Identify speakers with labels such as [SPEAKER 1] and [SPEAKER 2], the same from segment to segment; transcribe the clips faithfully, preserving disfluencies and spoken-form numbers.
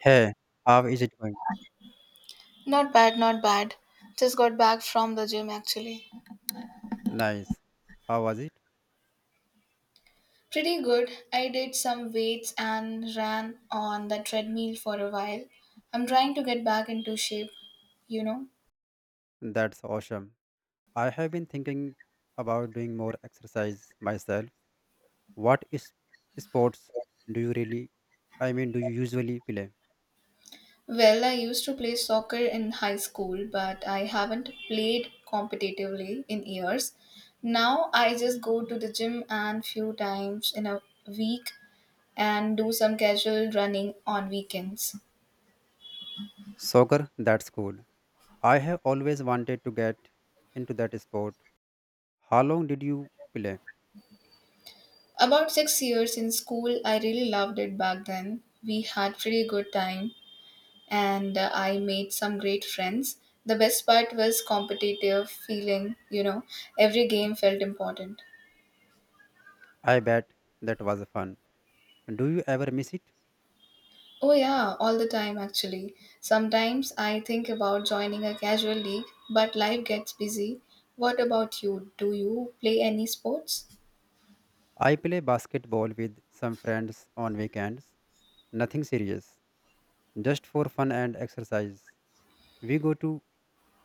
[SPEAKER 1] Hey, how is it going?
[SPEAKER 2] Not bad, not bad. Just got back from the gym actually.
[SPEAKER 1] Nice. How was it?
[SPEAKER 2] Pretty good. I did some weights and ran on the treadmill for a while. I'm trying to get back into shape, you know.
[SPEAKER 1] That's awesome. I have been thinking about doing more exercise myself. What is sports do you really, I mean, do you usually play?
[SPEAKER 2] Well, I used to play soccer in high school, but I haven't played competitively in years. Now I just go to the gym and few times in a week and do some casual running on weekends.
[SPEAKER 1] Soccer? That's cool. I have always wanted to get into that sport. How long did you play?
[SPEAKER 2] About six years in school, I really loved it back then. We had pretty good time, and uh, I made some great friends. The best part was competitive feeling. You know, every game felt important.
[SPEAKER 1] I bet that was fun. Do you ever miss it?
[SPEAKER 2] Oh yeah, all the time actually. Sometimes I think about joining a casual league, but life gets busy. What about you? Do you play any sports?
[SPEAKER 1] I play basketball with some friends on weekends. Nothing serious, just for fun and exercise. We go to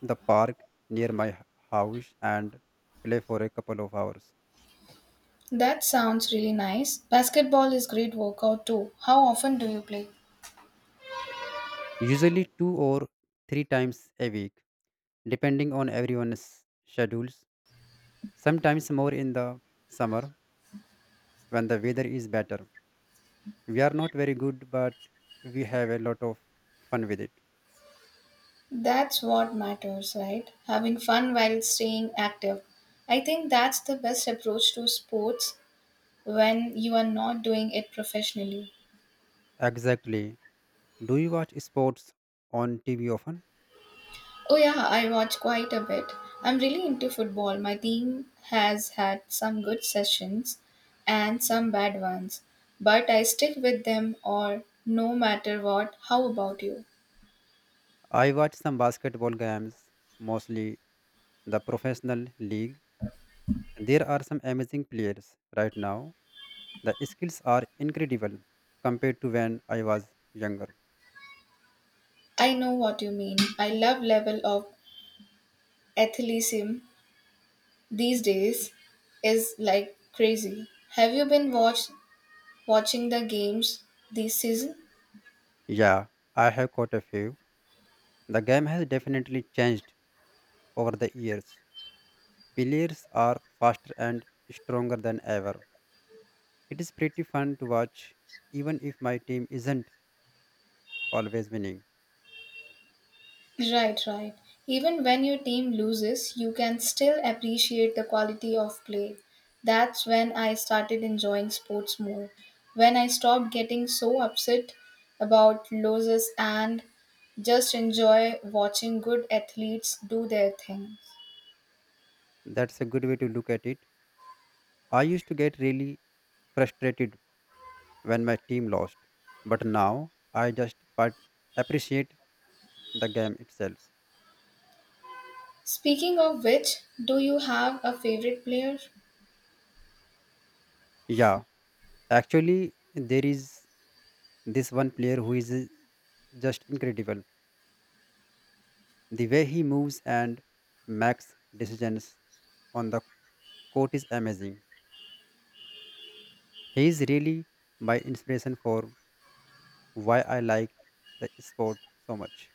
[SPEAKER 1] the park near my h- house and play for a couple of hours,
[SPEAKER 2] That sounds really nice. Basketball is great workout too. How often do you play?
[SPEAKER 1] usually two or three times a week, depending on everyone's schedules. Sometimes more in the summer when the weather is better. We are not very good, but we have a lot of fun with it.
[SPEAKER 2] That's what matters, right? Having fun while staying active. I think that's the best approach to sports when you are not doing it professionally.
[SPEAKER 1] Exactly. Do you watch sports on T V often?
[SPEAKER 2] Oh, yeah, I watch quite a bit. I'm really into football. My team has had some good sessions and some bad ones, but I stick with them or no matter what. How about you?
[SPEAKER 1] I watch some basketball games, mostly the professional league. There are some amazing players right now. The skills are incredible compared to when I was younger.
[SPEAKER 2] I know what you mean. I love level of athleticism these days is like crazy. Have you been watch, watching the games this season?
[SPEAKER 1] Yeah, I have caught a few. The game has definitely changed over the years. Players are faster and stronger than ever. It is pretty fun to watch, even if my team isn't always winning.
[SPEAKER 2] Right, right. Even when your team loses, you can still appreciate the quality of play. That's when I started enjoying sports more. When I stopped getting so upset about losses and just enjoy watching good athletes do their thing.
[SPEAKER 1] That's a good way to look at it. I used to get really frustrated when my team lost, but now I just part- appreciate the game itself.
[SPEAKER 2] Speaking of which, do you have a favorite player?
[SPEAKER 1] Yeah, actually, there is this one player who is uh, just incredible. The way he moves and makes decisions on the court is amazing. He is really my inspiration for why I like the sport so much.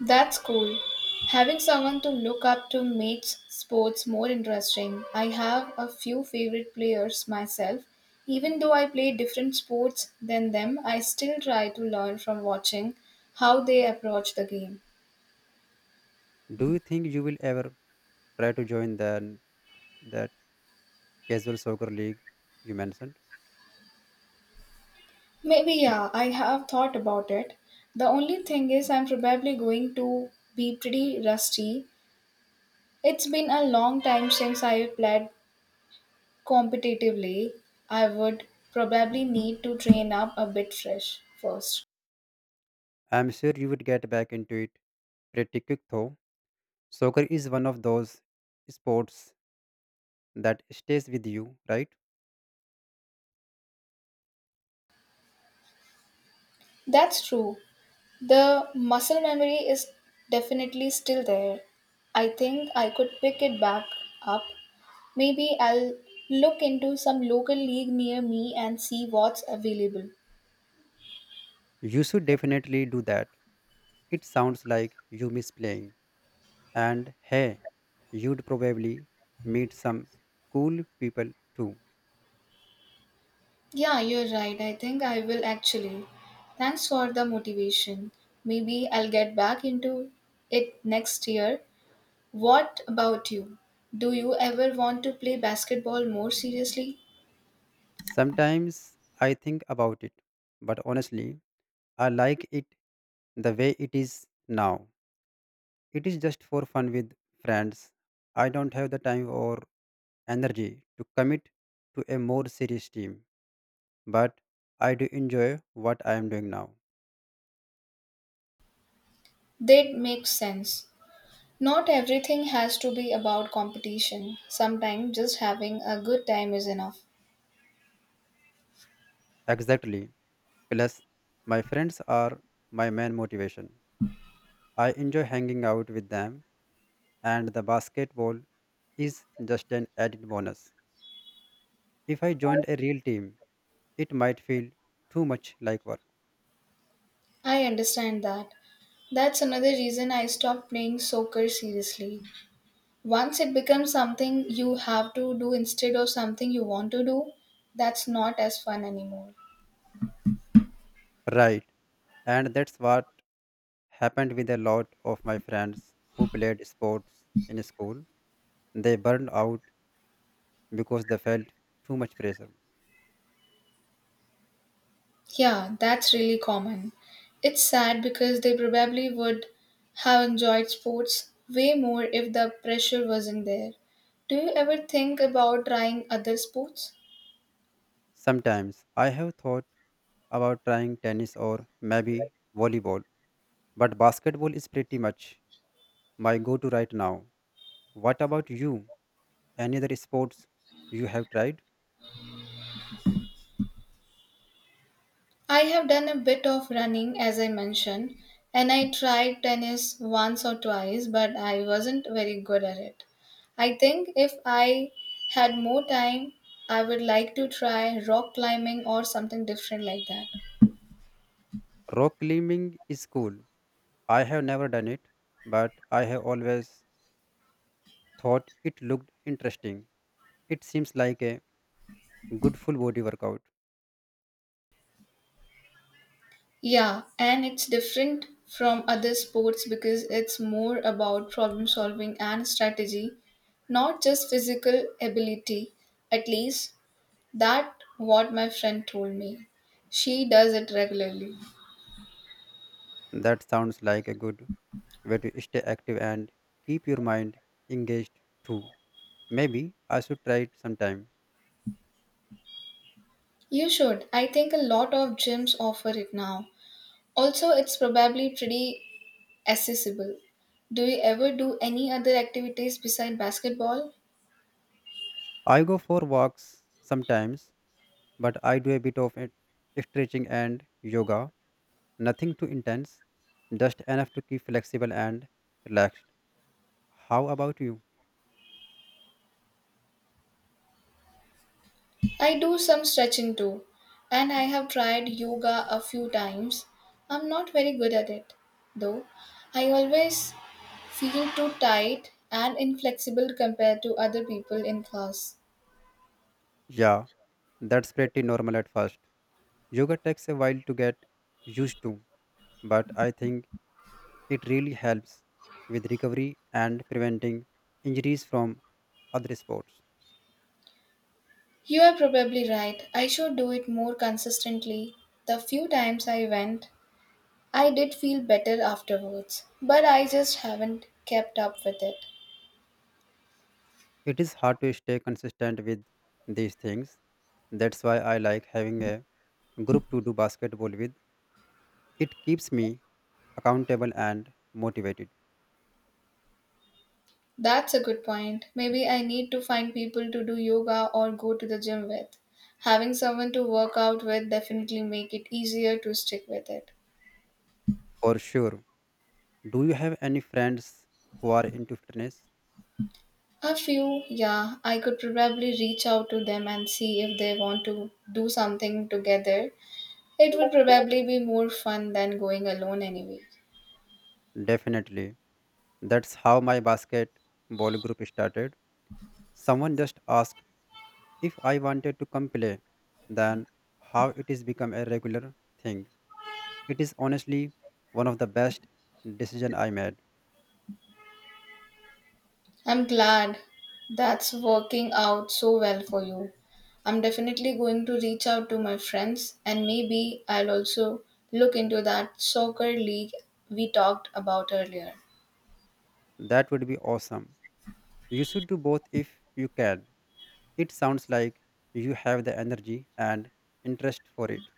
[SPEAKER 2] That's cool. Having someone to look up to makes sports more interesting. I have a few favorite players myself. Even though I play different sports than them, I still try to learn from watching how they approach the game.
[SPEAKER 1] Do you think you will ever try to join the, that casual soccer league you mentioned?
[SPEAKER 2] Maybe, yeah, I have thought about it. The only thing is, I'm probably going to be pretty rusty. It's been a long time since I played competitively. I would probably need to train up a bit fresh first.
[SPEAKER 1] I'm sure you would get back into it pretty quick though. Soccer is one of those sports that stays with you, right?
[SPEAKER 2] That's true. The muscle memory is definitely still there. I think I could pick it back up. Maybe I'll look into some local league near me and see what's available.
[SPEAKER 1] You should definitely do that. It sounds like you miss playing. And hey, you'd probably meet some cool people too.
[SPEAKER 2] Yeah, you're right. I think I will actually. Thanks for the motivation. Maybe I'll get back into it next year. What about you? Do you ever want to play basketball more seriously?
[SPEAKER 1] Sometimes I think about it, but honestly, I like it the way it is now. It is just for fun with friends. I don't have the time or energy to commit to a more serious team, but I do enjoy what I am doing now.
[SPEAKER 2] That makes sense. Not everything has to be about competition. Sometimes just having a good time is enough.
[SPEAKER 1] Exactly. Plus, my friends are my main motivation. I enjoy hanging out with them, and the basketball is just an added bonus. If I joined a real team, it might feel too much like work.
[SPEAKER 2] I understand that. That's another reason I stopped playing soccer seriously. Once it becomes something you have to do instead of something you want to do, that's not as fun anymore.
[SPEAKER 1] Right. And that's what happened with a lot of my friends who played sports in school. They burned out because they felt too much pressure.
[SPEAKER 2] Yeah, that's really common. It's sad because they probably would have enjoyed sports way more if the pressure wasn't there. Do you ever think about trying other sports?
[SPEAKER 1] Sometimes I have thought about trying tennis or maybe volleyball, but basketball is pretty much my go to right now. What about you? Any other sports you have tried?
[SPEAKER 2] I have done a bit of running, as I mentioned, and I tried tennis once or twice, but I wasn't very good at it. I think if I had more time, I would like to try rock climbing or something different like that.
[SPEAKER 1] Rock climbing is cool. I have never done it, but I have always thought it looked interesting. It seems like a good full body workout.
[SPEAKER 2] Yeah, and it's different from other sports because it's more about problem solving and strategy, not just physical ability. At least that what my friend told me. She does it regularly.
[SPEAKER 1] That sounds like a good way to stay active and keep your mind engaged too. Maybe I should try it sometime.
[SPEAKER 2] You should. I think a lot of gyms offer it now. Also, it's probably pretty accessible. Do you ever do any other activities besides basketball?
[SPEAKER 1] I go for walks sometimes, but I do a bit of it- stretching and yoga. Nothing too intense, just enough to keep flexible and relaxed. How about you?
[SPEAKER 2] I do some stretching too, and I have tried yoga a few times. I'm not very good at it, though. I always feel too tight and inflexible compared to other people in class.
[SPEAKER 1] Yeah, that's pretty normal at first. Yoga takes a while to get used to, but I think it really helps with recovery and preventing injuries from other sports.
[SPEAKER 2] You are probably right. I should do it more consistently. The few times I went, I did feel better afterwards, but I just haven't kept up with it.
[SPEAKER 1] It is hard to stay consistent with these things. That's why I like having a group to do basketball with. It keeps me accountable and motivated.
[SPEAKER 2] That's a good point. Maybe I need to find people to do yoga or go to the gym with. Having someone to work out with definitely make it easier to stick with it.
[SPEAKER 1] For sure. Do you have any friends who are into fitness?
[SPEAKER 2] A few, yeah, I could probably reach out to them and see if they want to do something together. It would probably be more fun than going alone anyway.
[SPEAKER 1] Definitely. That's how my basketball group started. Someone just asked if I wanted to come play, then how it is become a regular thing. It is honestly one of the best decision I made.
[SPEAKER 2] I'm glad that's working out so well for you. I'm definitely going to reach out to my friends and maybe I'll also look into that soccer league we talked about earlier.
[SPEAKER 1] That would be awesome. You should do both if you can. It sounds like you have the energy and interest for it.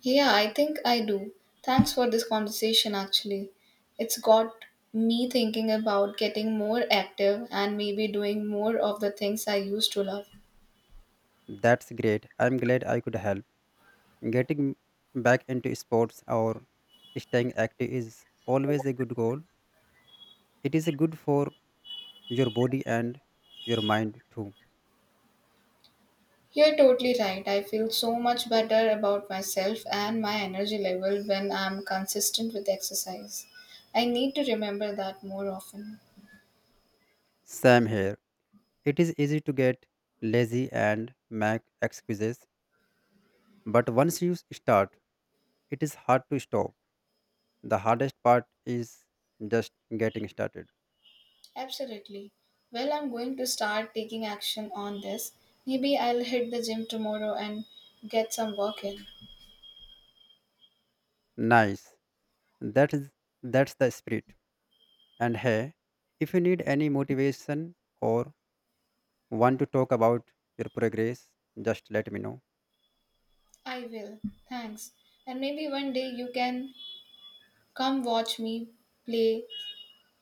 [SPEAKER 2] Yeah, I think I do. Thanks for this conversation actually. It's got me thinking about getting more active and maybe doing more of the things I used to love.
[SPEAKER 1] That's great. I'm glad I could help. Getting back into sports or staying active is always a good goal. It is good for your body and your mind too.
[SPEAKER 2] You're totally right. I feel so much better about myself and my energy level when I'm consistent with exercise. I need to remember that more often.
[SPEAKER 1] Same here. It is easy to get lazy and make excuses, but once you start, it is hard to stop. The hardest part is just getting started.
[SPEAKER 2] Absolutely. Well, I'm going to start taking action on this. Maybe I'll hit the gym tomorrow and get some work in.
[SPEAKER 1] Nice. That is that's the spirit. And hey, if you need any motivation or want to talk about your progress, just let me know.
[SPEAKER 2] I will. Thanks. And maybe one day you can come watch me play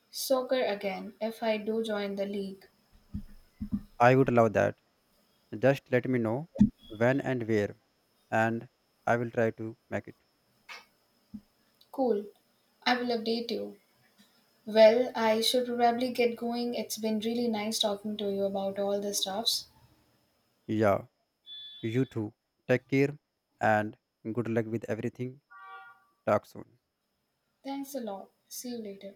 [SPEAKER 2] soccer again if I do join the league.
[SPEAKER 1] I would love that. Just let me know when and where, and I will try to make it.
[SPEAKER 2] Cool. I will update you. Well, I should probably get going. It's been really nice talking to you about all the stuffs.
[SPEAKER 1] Yeah, you too. Take care and good luck with everything. Talk soon.
[SPEAKER 2] Thanks a lot. See you later.